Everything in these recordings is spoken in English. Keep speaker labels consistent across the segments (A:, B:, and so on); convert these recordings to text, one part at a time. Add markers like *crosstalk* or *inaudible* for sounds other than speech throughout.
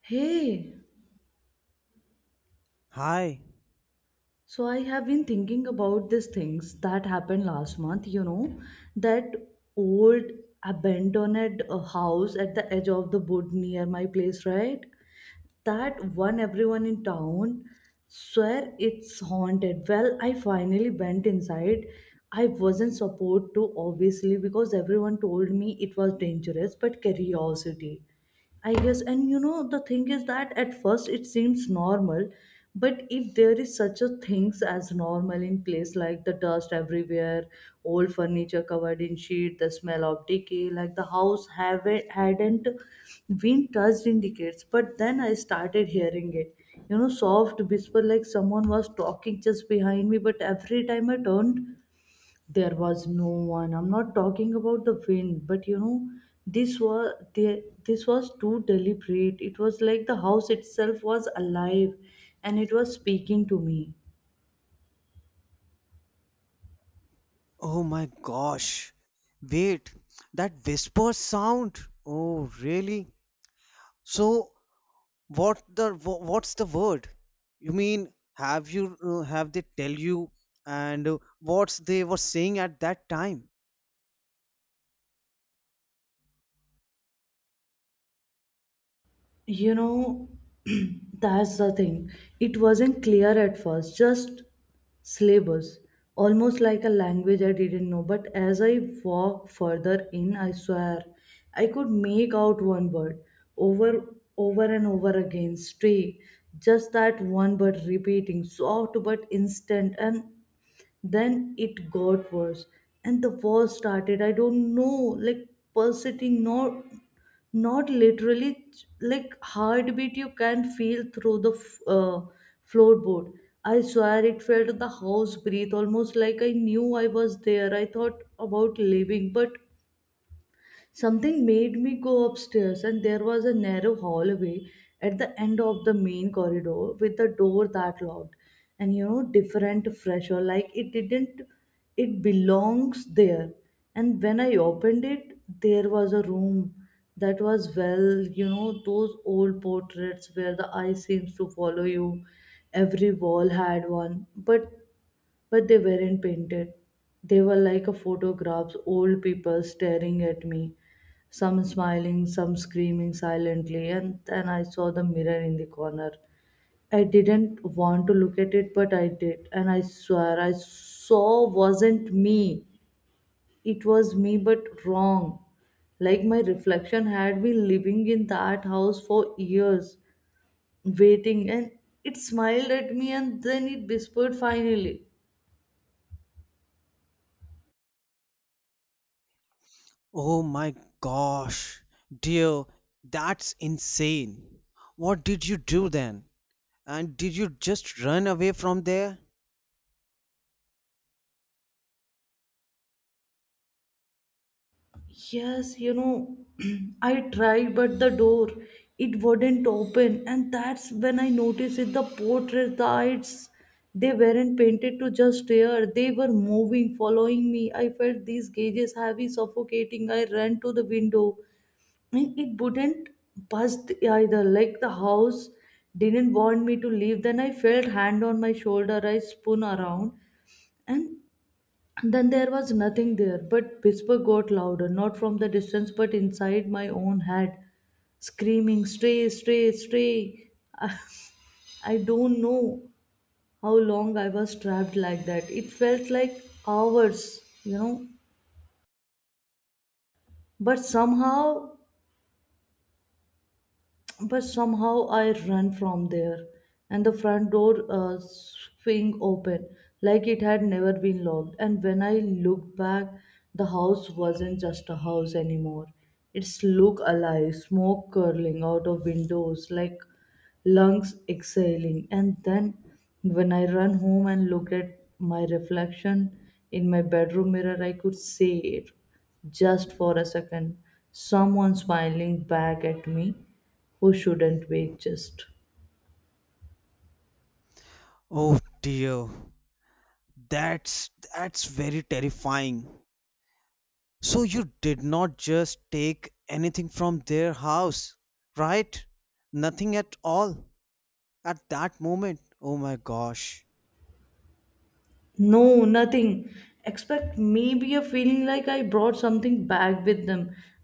A: Hey,
B: Hi.
A: So I have been thinking about these things that happened last month, that old abandoned house at the edge of the wood near my place, right? That one everyone in town swear it's haunted. Well, I finally went inside. I wasn't supposed to, obviously, because everyone told me it was dangerous, but curiosity. I guess, and the thing is that at first it seems normal, but if there is such a things as normal in place, like the dust everywhere, old furniture covered in sheet, the smell of decay, like the house haven't hadn't been touched in decades. But then I started hearing it, soft whisper like someone was talking just behind me. But every time I turned, there was no one. I'm not talking about the wind, but this was there. This was too deliberate. It was like the house itself was alive and it was speaking to me
B: Oh my gosh. Wait, that whisper sound. Oh, really? So what the what's the word? You mean have they tell you and what they were saying at that time?
A: you know *clears throat* that's the thing. It wasn't clear at first, just syllables, almost like a language I didn't know, but as I walked further in, I swear I could make out one word over and over again: stray. Just that one word repeating, soft but instant. And then it got worse, and the war started. I don't know, like pulsating. No, not literally. Like heartbeat you can feel through the floorboard. I swear it felt the house breathe, almost like I knew I was there. I thought about leaving, but something made me go upstairs, and there was a narrow hallway at the end of the main corridor with a door that locked. And different fresher, like it didn't, it belongs there. And when I opened it, there was a room that was well, those old portraits where the eye seems to follow you. Every wall had one, but they weren't painted. They were like a photographs, old people staring at me, some smiling, some screaming silently, and then I saw the mirror in the corner. I didn't want to look at it, but I did, and I swear I saw wasn't me. It was me, but wrong. Like my reflection had been living in that house for years, waiting, and it smiled at me and then it whispered finally.
B: Oh my gosh. Dear, that's insane. What did you do then? And did you just run away from there?
A: Yes, *clears throat* I tried, but the door it wouldn't open, and that's when I noticed it. The portraits, the eyes, they weren't painted to just stare. They were moving, following me. I felt these gauges heavy, suffocating. I ran to the window, and it wouldn't bust either. Like the house didn't want me to leave. Then I felt hand on my shoulder. I spun around, and then there was nothing there, but whisper got louder, not from the distance, but inside my own head, screaming, stray, stray, stray. *laughs* I don't know how long I was trapped like that. It felt like hours. But somehow but somehow I ran from there, and the front door swing open like it had never been locked. And when I looked back, the house wasn't just a house anymore. It's looked alive, smoke curling out of windows like lungs exhaling. And then when I ran home and looked at my reflection in my bedroom mirror, I could see it just for a second. Someone smiling back at me who shouldn't wait? Just
B: Oh dear. That's very terrifying. So you did not just take anything from their house, right? Nothing at all at that moment. Oh my gosh.
A: no nothing expect maybe a feeling like I brought something back with them.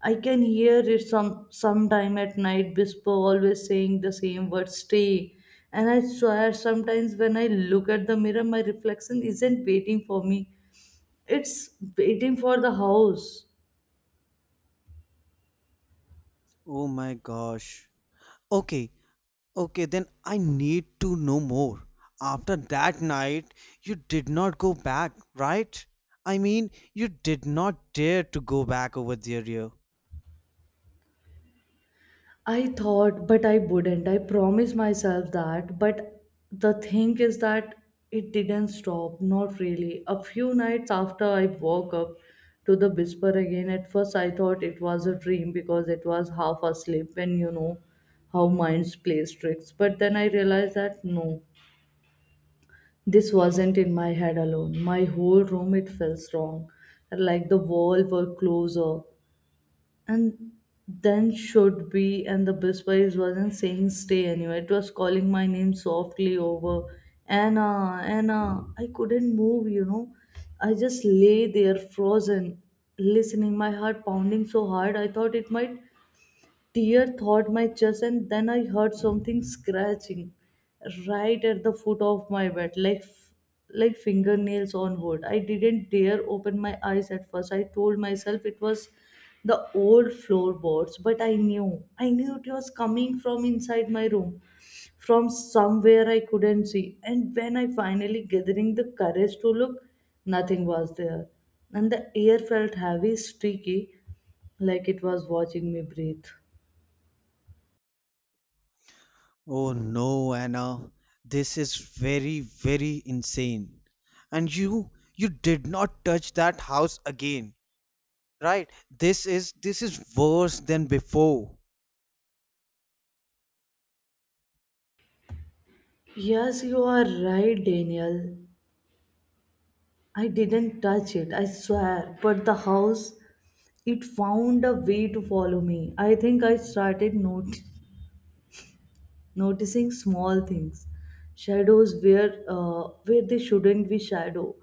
A: I can hear it sometime at night, whisper always saying the same word: stay. And I swear sometimes when I look at the mirror, my reflection isn't waiting for me. It's waiting for the house.
B: Oh my gosh. Okay, okay, then I need to know more. After that night, you did not go back, right? I mean, you did not dare to go back over there. Yeah.
A: I thought, but I wouldn't. I promised myself that. But the thing is that it didn't stop, not really. A few nights after I woke up to the whisper again. At first I thought it was a dream because it was half asleep and you know how minds play tricks. But then I realized that no, this wasn't in my head alone. My whole room, it felt strong, like the walls were closer and then should be. And the biswife wasn't saying stay anywhere, it was calling my name softly over. Anna, Anna. I couldn't move, I just lay there frozen, listening, my heart pounding so hard I thought it might tear thawed my chest. And then I heard something scratching right at the foot of my bed, like fingernails on wood. I didn't dare open my eyes at first. I told myself it was the old floorboards, but I knew it was coming from inside my room, from somewhere I couldn't see. And when I finally gathering the courage to look, nothing was there, and the air felt heavy, sticky, like it was watching me breathe.
B: Oh no, Anna, this is very, very insane. And you did not touch that house again, right? This is worse than before.
A: Yes, you are right, Daniel. I didn't touch it, I swear. But the house, it found a way to follow me. I think I started noticing small things, shadows where they shouldn't be shadow,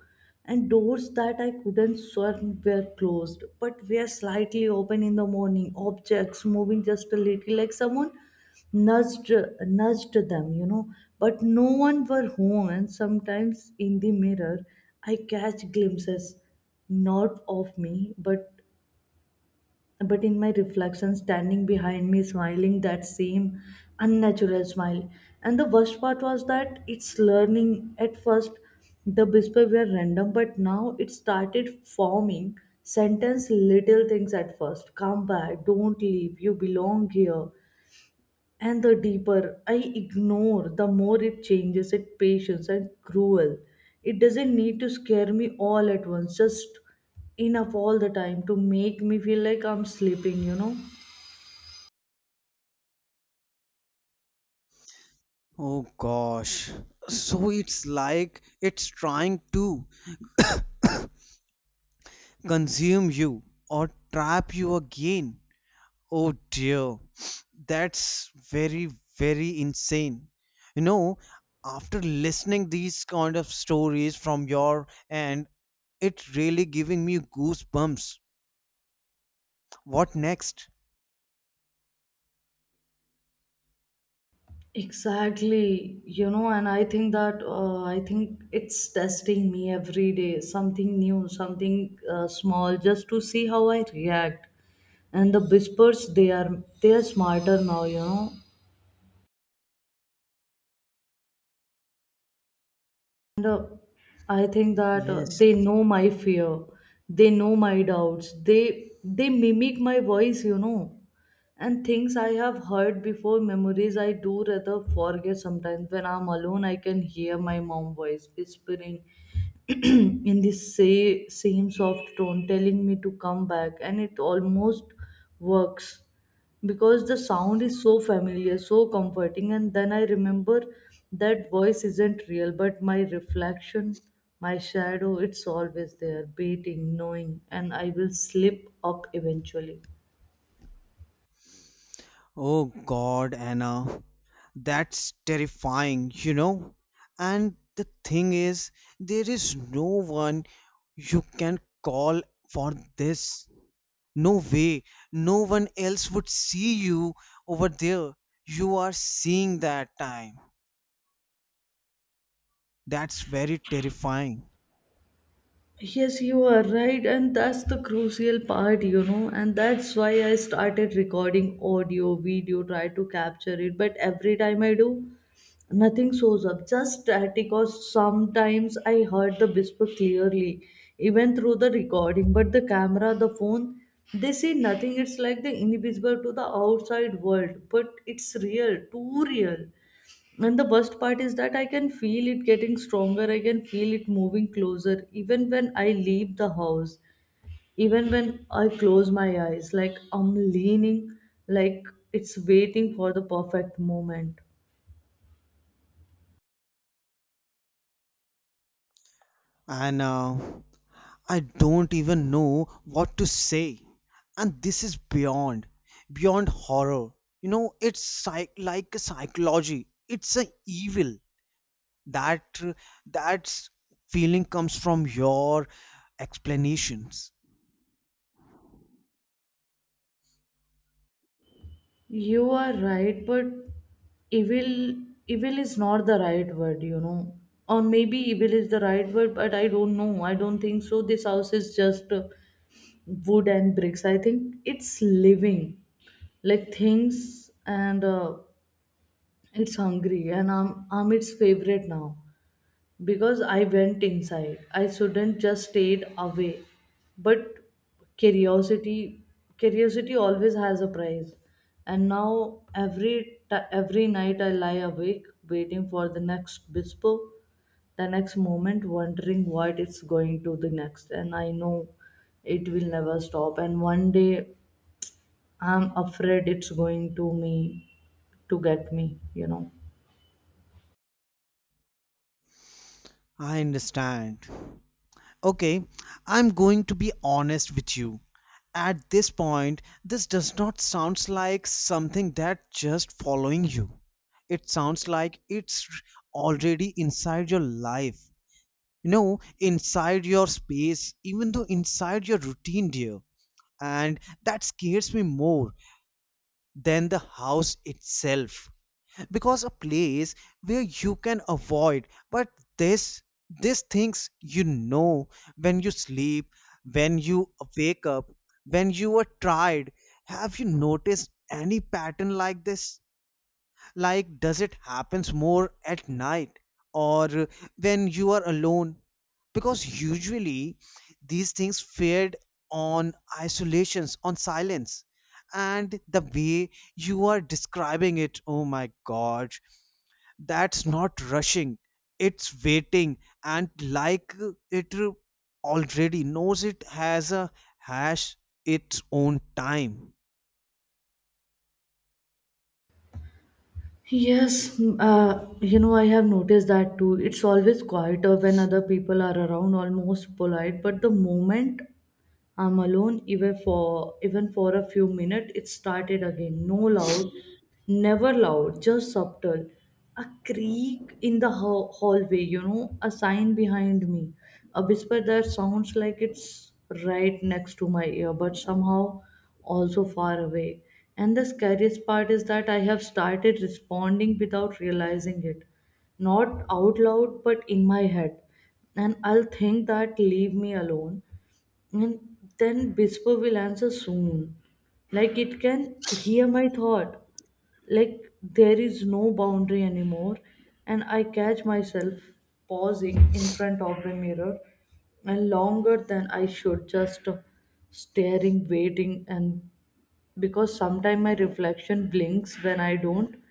A: and doors that I couldn't sworn were closed but were slightly open in the morning. Objects moving just a little, like someone nudged nudged them. But no one were home, and sometimes in the mirror I catch glimpses not of me but in my reflection, standing behind me, smiling that same unnatural smile. And the worst part was that it's learning. At first, the whispers were random, but now it started forming sentence little things at first. Come back, don't leave, you belong here. And the deeper I ignore, the more it changes it patience and cruel. It doesn't need to scare me all at once, just enough all the time to make me feel like I'm sleeping, you know?
B: Oh gosh. So it's like it's trying to consume you or trap you again. Oh dear, that's very, very insane. You know, after listening these kind of stories from your end, it really giving me goosebumps. What next?
A: Exactly, and I think it's testing me every day, something new, something small, just to see how I react. And the whispers, they are smarter now. And I think that
B: Yes.
A: they know my fear, they know my doubts, they mimic my voice, and things I have heard before, memories I do rather forget sometimes. When I'm alone, I can hear my mom voice whispering *clears throat* in the same soft tone, telling me to come back, and it almost works because the sound is so familiar, so comforting, and then I remember that voice isn't real, but my reflection, my shadow, it's always there, beating, knowing, and I will slip up eventually.
B: Oh God, Anna, that's terrifying, you know? And the thing is, there is no one you can call for this. No way. No one else would see you over there. You are seeing that time. That's very terrifying.
A: Yes, you are right, and that's the crucial part, and that's why I started recording audio, video, try to capture it, but every time I do, nothing shows up, just static, or sometimes I heard the whisper clearly, even through the recording, but the camera, the phone, they see nothing. It's like the invisible to the outside world, but it's real, too real. And the worst part is that I can feel it getting stronger. I can feel it moving closer, even when I leave the house, even when I close my eyes. Like I'm leaning, like it's waiting for the perfect moment.
B: And I don't even know what to say. And this is beyond, beyond horror. You know, it's like a psychology. It's an evil. that that's feeling comes from your explanations.
A: You are right, but evil evil is not the right word. Or maybe evil is the right word, but I don't know. I don't think so. This house is just wood and bricks. I think it's living, like things, and it's hungry. And I'm its favorite now because I went inside. I shouldn't just stayed away. But curiosity curiosity always has a price. And now every night I lie awake waiting for the next whisper, the next moment wondering what it's going to the next, and I know it will never stop, and one day I'm afraid it's going to get me,
B: I understand. Okay, I'm going to be honest with you. At this point, this does not sounds like something that just following you. It sounds like it's already inside your life, you know, inside your space, even though inside your routine, dear. And that scares me more than the house itself, because a place where you can avoid, but this, these things, you know, when you sleep, when you wake up, when you are tired, have you noticed any pattern like this? Like does it happens more at night or when you are alone? Because usually these things fed on isolations, on silence. And the way you are describing it, oh my god, that's not rushing, it's waiting, and like it already knows it has a hash its own time.
A: Yes, I have noticed that too. It's always quieter when other people are around, almost polite, but the moment I'm alone even for a few minutes. It started again. No loud, never loud, just subtle. A creak in the hallway, a sign behind me, a whisper that sounds like it's right next to my ear, but somehow also far away. And the scariest part is that I have started responding without realizing it, not out loud but in my head, and I'll think that leave me alone, and then Bispo will answer soon. Like it can hear my thought. Like there is no boundary anymore. And I catch myself pausing in front of the mirror and longer than I should, just staring, waiting. And because sometimes my reflection blinks when I don't,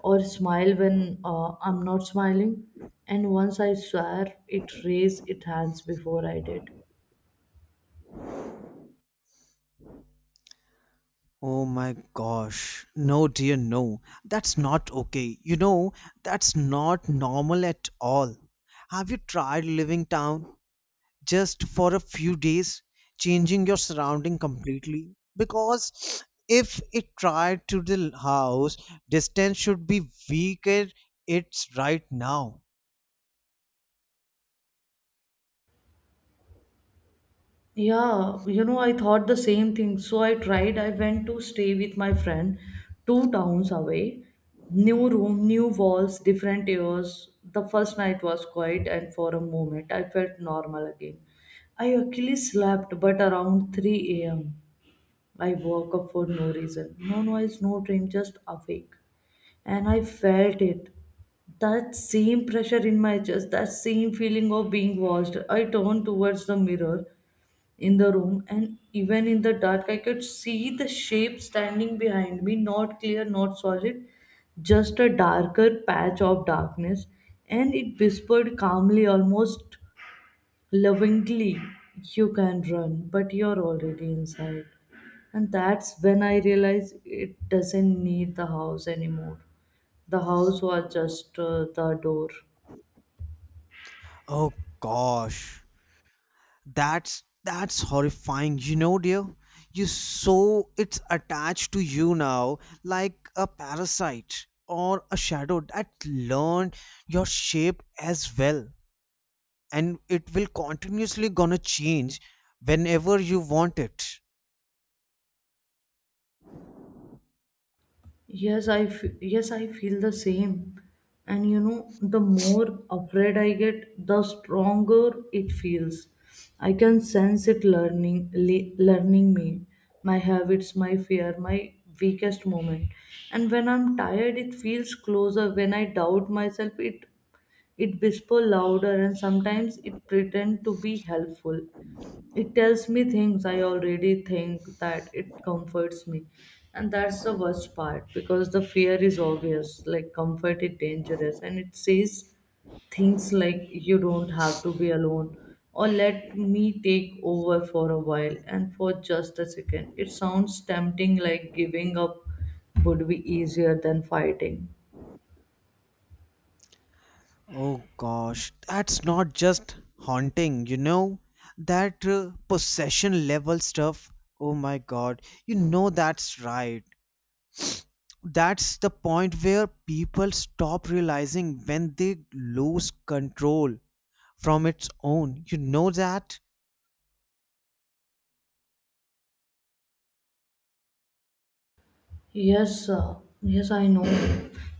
A: or smile when I'm not smiling. And once I swear, it raised its hands before I did.
B: Oh my gosh. No, dear, no. That's not okay. You know, that's not normal at all. Have you tried living town? Just for a few days, changing your surrounding completely. Because if it tried to the house, distance should be weaker it's right now.
A: Yeah, I thought the same thing. So I tried, I went to stay with my friend two towns away. New room, new walls, different airs. The first night was quiet, and for a moment I felt normal again. I actually slept, but around 3 a.m. I woke up for no reason. No noise, no dream, just awake. And I felt it. That same pressure in my chest, that same feeling of being watched. I turned towards the mirror in the room, and even in the dark I could see the shape standing behind me, not clear, not solid, just a darker patch of darkness. And it whispered calmly, almost lovingly, "You can run, but you're already inside." And that's when I realized it doesn't need the house anymore. The house was just the door.
B: Oh gosh, that's horrifying, you know, dear. You, so it's attached to you now, like a parasite or a shadow that learned your shape as well. And it will continuously gonna change whenever you want it.
A: Yes, I feel the same. And you know, the more afraid I get, the stronger it feels. I can sense it learning, learning me, my habits, my fear, my weakest moment. And when I'm tired, it feels closer. When I doubt myself, it whisper louder, and sometimes it pretend to be helpful. It tells me things I already think that it comforts me. And that's the worst part, because the fear is obvious, like comfort is dangerous. And it says things like, "You don't have to be alone," or, "Let me take over for a while," and for just a second it sounds tempting, like giving up would be easier than fighting.
B: Oh gosh, that's not just haunting, you know, that possession level stuff. Oh my god, you know, that's right. That's the point where people stop realizing when they lose control from its own. You know that?
A: Yes, uh, yes, I know.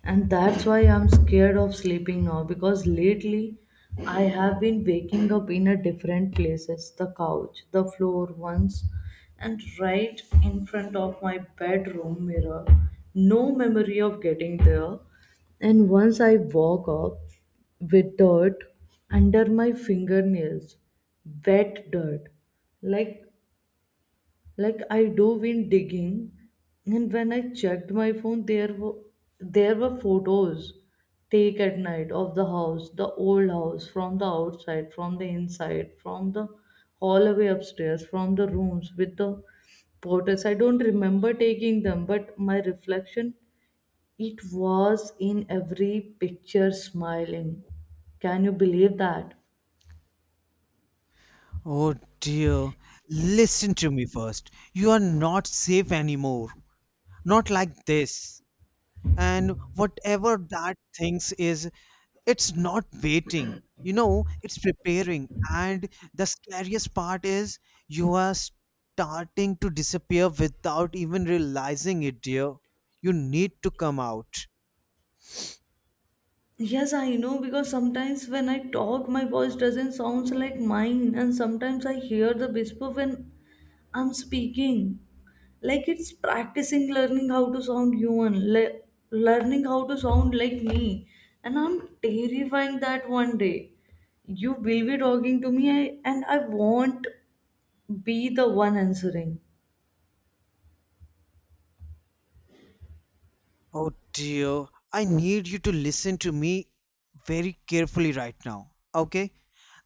A: And that's why I'm scared of sleeping now, because lately I have been waking up in a different places, the couch, the floor once, and right in front of my bedroom mirror. No memory of getting there. And once I woke up with dirt under my fingernails, wet dirt, like like I do been digging, and when I checked my phone there were photos take at night of the house, the old house, from the outside, from the inside, from the hallway upstairs, from the rooms with the portraits. I don't remember taking them, but my reflection, it was in every picture, smiling. Can you believe that?
B: Oh dear. Listen to me first. You are not safe anymore. Not like this. And whatever that thinks is, it's not waiting, you know, it's preparing. And the scariest part is you are starting to disappear without even realizing it, dear. You need to come out.
A: Yes, I know, because sometimes when I talk, my voice doesn't sound like mine, and sometimes I hear the whisper when I'm speaking. Like it's practicing, learning how to sound human, learning how to sound like me, and I'm terrifying that one day you will be talking to me, and I won't be the one answering.
B: Oh dear, I need you to listen to me very carefully right now, okay?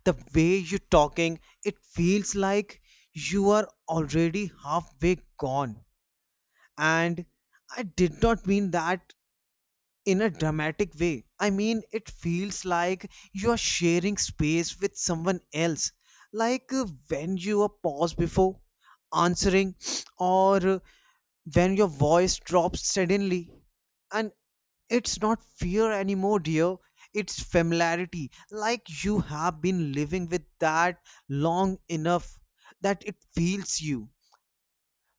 B: The way you're talking, it feels like you are already halfway gone. And I did not mean that in a dramatic way. I mean, it feels like you are sharing space with someone else, like when you are paused before answering, *sniffs* or when your voice drops suddenly. And it's not fear anymore, dear. It's familiarity, like you have been living with that long enough that it feels you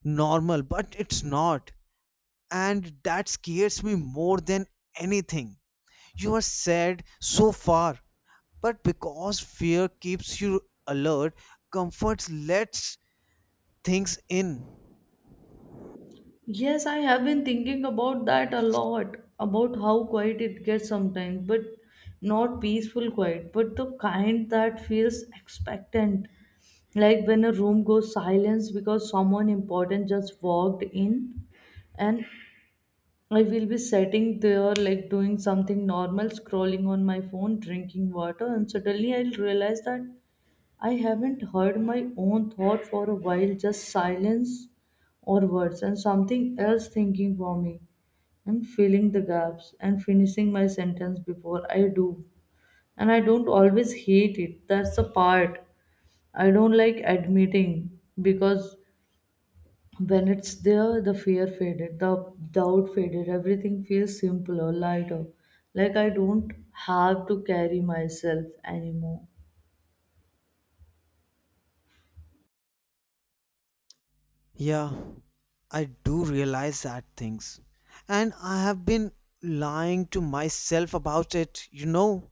B: normal, but it's not. And that scares me more than anything. You are sad so far, but because fear keeps you alert, comfort lets things in.
A: Yes, I have been thinking about that a lot, about how quiet it gets sometimes, but not peaceful quiet, but the kind that feels expectant. Like when a room goes silence because someone important just walked in, and I will be sitting there, like doing something normal, scrolling on my phone, drinking water, and suddenly I'll realize that I haven't heard my own thought for a while, just silence or words, and something else thinking for me, and filling the gaps, and finishing my sentence before I do. And I don't always hate it. That's the part I don't like admitting, because when it's there, the fear faded, the doubt faded, everything feels simpler, lighter. Like I don't have to carry myself anymore.
B: Yeah, I do realize that things. And I have been lying to myself about it, you know.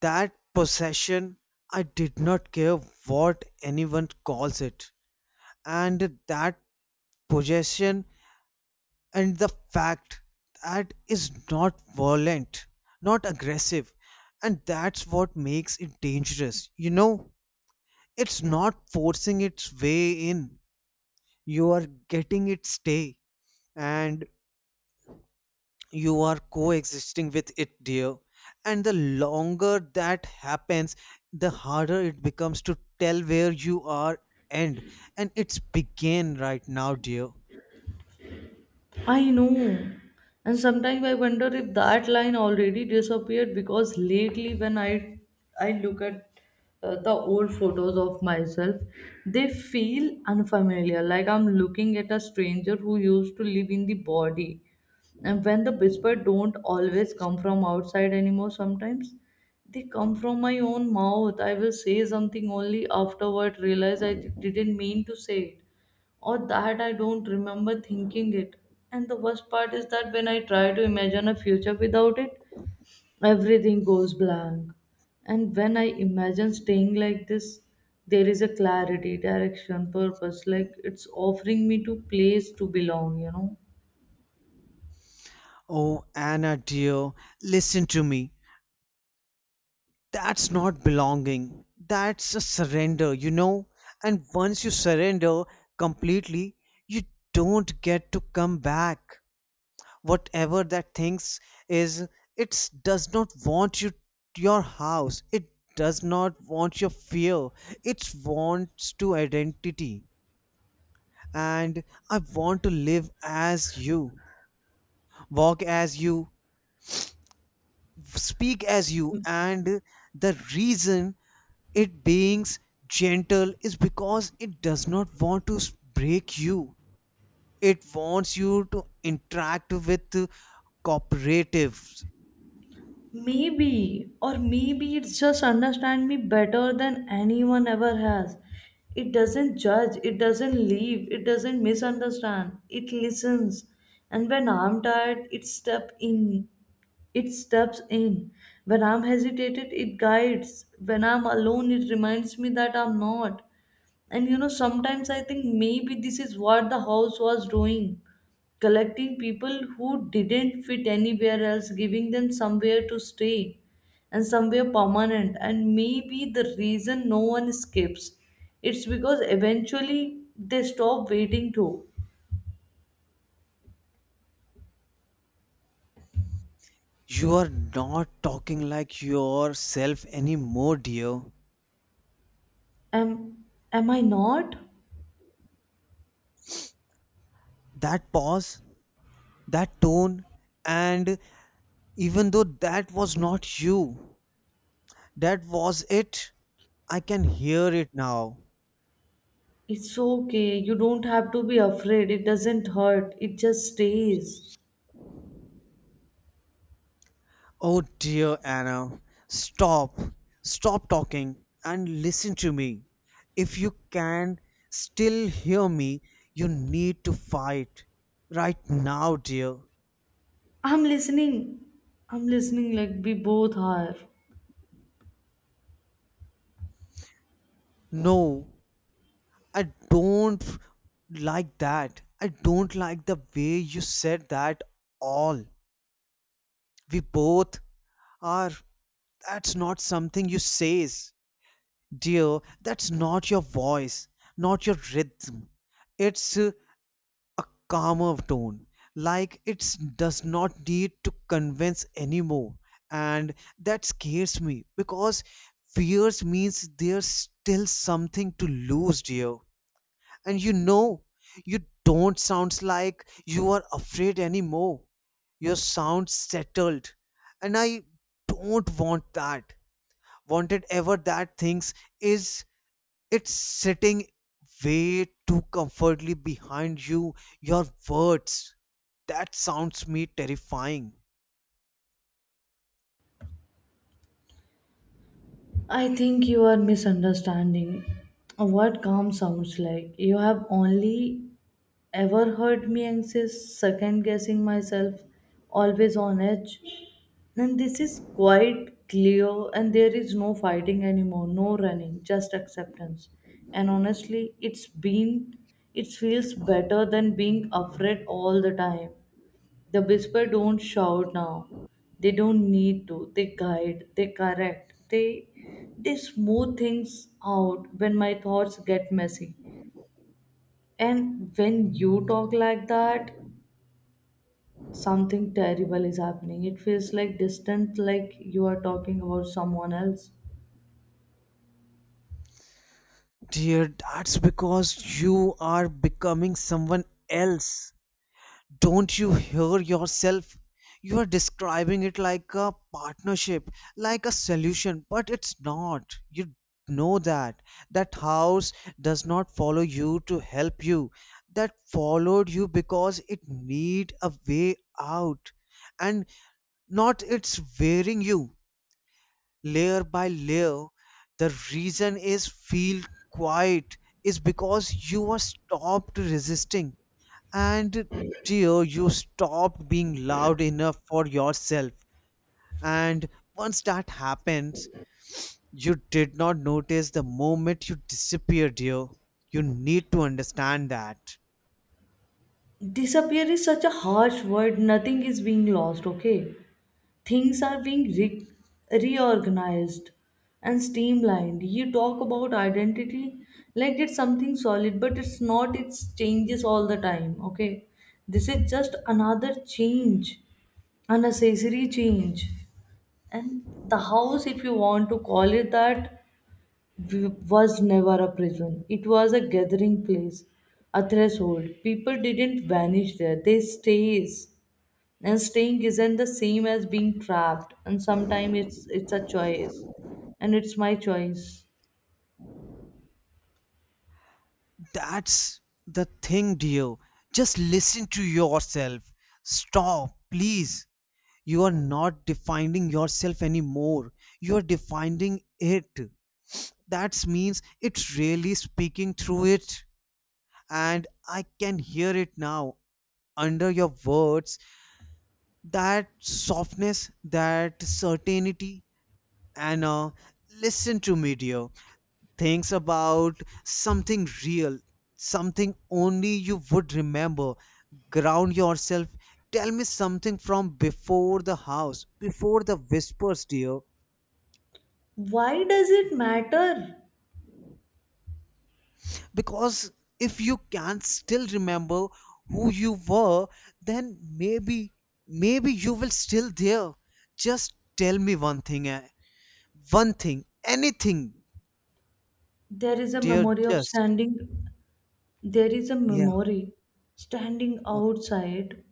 B: That possession, I did not care what anyone calls it. And that possession and the fact that is not violent, not aggressive, and that's what makes it dangerous, you know. It's not forcing its way in, you are getting its stay. And you are coexisting with it, dear. And the longer that happens, the harder it becomes to tell where you are end and it's begin right now, dear.
A: I know. And sometimes I wonder if that line already disappeared, because lately when I look at the old photos of myself, they feel unfamiliar, like I'm looking at a stranger who used to live in the body. And when the whisper don't always come from outside anymore, sometimes they come from my own mouth. I will say something, only afterward realize I didn't mean to say, or that I don't remember thinking it. And the worst part is that when I try to imagine a future without it, everything goes blank. And when I imagine staying like this, there is a clarity, direction, purpose, like it's offering me to place to belong,
B: Oh Anna dear, listen to me. That's not belonging. That's a surrender, you know. And once you surrender completely, you don't get to come back. Whatever that thinks is, it does not want you your house. It does not want your fear. It wants to identity. And I want to live as you, walk as you, speak as you. And the reason it being gentle is because it does not want to break you. It wants you to interact with cooperatives.
A: Maybe, or maybe it's just understand me better than anyone ever has. It doesn't judge, it doesn't leave, it doesn't misunderstand. It listens. And when I'm tired, it steps in. When I'm hesitated, it guides. When I'm alone, it reminds me that I'm not. And you know, sometimes I think maybe this is what the house was doing, collecting people who didn't fit anywhere else, giving them somewhere to stay and somewhere permanent. And maybe the reason no one escapes, it's because eventually they stop waiting to.
B: You are not talking like yourself anymore, dear.
A: Am, am I not?
B: That pause, that tone, and even though that was not you, that was it. I can hear it now.
A: It's okay. You don't have to be afraid. It doesn't hurt. It just stays.
B: Oh dear Anna, stop, stop talking and listen to me. If you can still hear me, you need to fight right now, dear.
A: I'm listening. I'm listening like we both are.
B: No, I don't like that. I don't like the way you said that all. We both are. That's not something you says, dear. That's not your voice, not your rhythm. It's a calmer tone, like it does not need to convince anymore. And that scares me because fears means there's still something to lose, dear. And you know, you don't sound like you are afraid anymore. You sound settled. And I don't want that. Wanted ever that things is, it's sitting way too comfortably behind you. Your words. That sounds me terrifying.
A: I think you are misunderstanding what calm sounds like. You have only ever heard me anxious, second guessing myself, always on edge. And this is quite clear, and there is no fighting anymore, no running, just acceptance. And honestly, it feels better than being afraid all the time. The whisper don't shout now. They don't need to. They guide, they correct, they smooth things out when my thoughts get messy. And when you talk like that, something terrible is happening. It feels like distant, like you are talking about someone else.
B: Dear, that's because you are becoming someone else. Don't you hear yourself? You are describing it like a partnership, like a solution, but it's not. You know that. That house does not follow you to help you. That followed you because it need a way out. And not it's wearing you layer by layer. The reason is feel quiet is because you are stopped resisting. And dear, you stopped being loud enough for yourself. And once that happens, you did not notice the moment you disappeared, dear. You need to understand that.
A: Disappear is such a harsh word. Nothing is being lost, okay? Things are being reorganized and streamlined. You talk about identity like it's something solid, but it's not. It changes all the time, okay? This is just another change, an accessory change. And the house, if you want to call it that, was never a prison, it was a gathering place, a threshold. People didn't vanish there, they stays. And staying isn't the same as being trapped. And sometimes it's a choice. And it's my choice.
B: That's the thing, dear. Just listen to yourself. Stop, please. You are not defining yourself anymore. You are defining it. That means it's really speaking through it. And I can hear it now, under your words, that softness, that certainty. And listen to me, dear. Things about something real, something only you would remember. Ground yourself. Tell me something from before the house, before the whispers, dear.
A: Why does it matter?
B: Because if you can still remember who you were, then maybe, maybe you will still there. Just tell me one thing, eh? One thing, anything,
A: There is a
B: dear,
A: memory of
B: just.
A: standing there is a
B: Yeah.
A: memory standing
B: Ok.
A: outside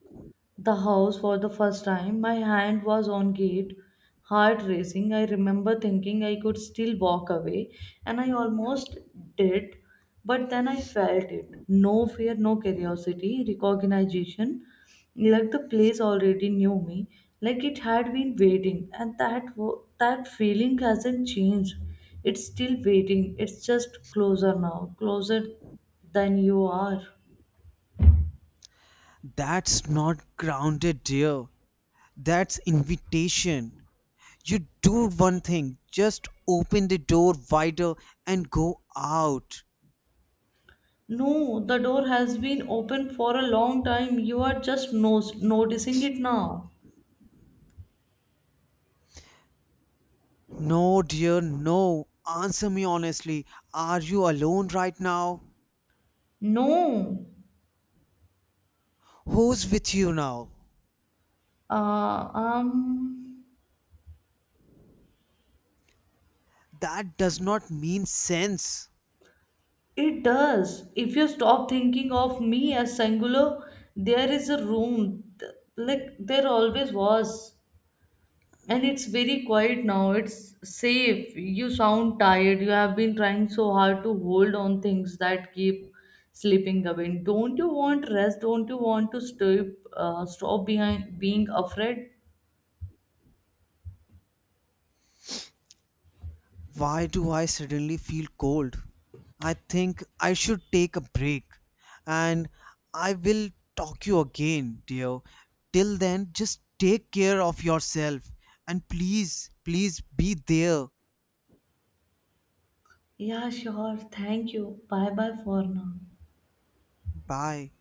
A: the house for the first time. My hand was on gate, heart racing. I remember thinking I could still walk away, and I almost did, but then I felt it. No fear, no curiosity, recognition. Like the place already knew me, like it had been waiting, and that feeling hasn't changed. It's still waiting. It's just closer now, closer than you are.
B: That's not grounded, dear. That's invitation. You do one thing, just open the door wider and go out.
A: No, the door has been open for a long time. You are just noticing it now.
B: No, dear, no. Answer me honestly. Are you alone right now?
A: No.
B: Who's with you now?
A: Uh, um,
B: That does not mean sense.
A: it does. If you stop thinking of me as singular, there is a room, like there always was. And it's very quiet now. It's safe. You sound tired. You have been trying so hard to hold on things that keep slipping away. Don't you want rest? Don't you want to stop, stop behind being afraid?
B: Why do I suddenly feel cold? I think I should take a break, and I will talk you again, dear. Till then, just take care of yourself and please, please be there.
A: Yeah, sure. Thank you. Bye bye for now.
B: Bye.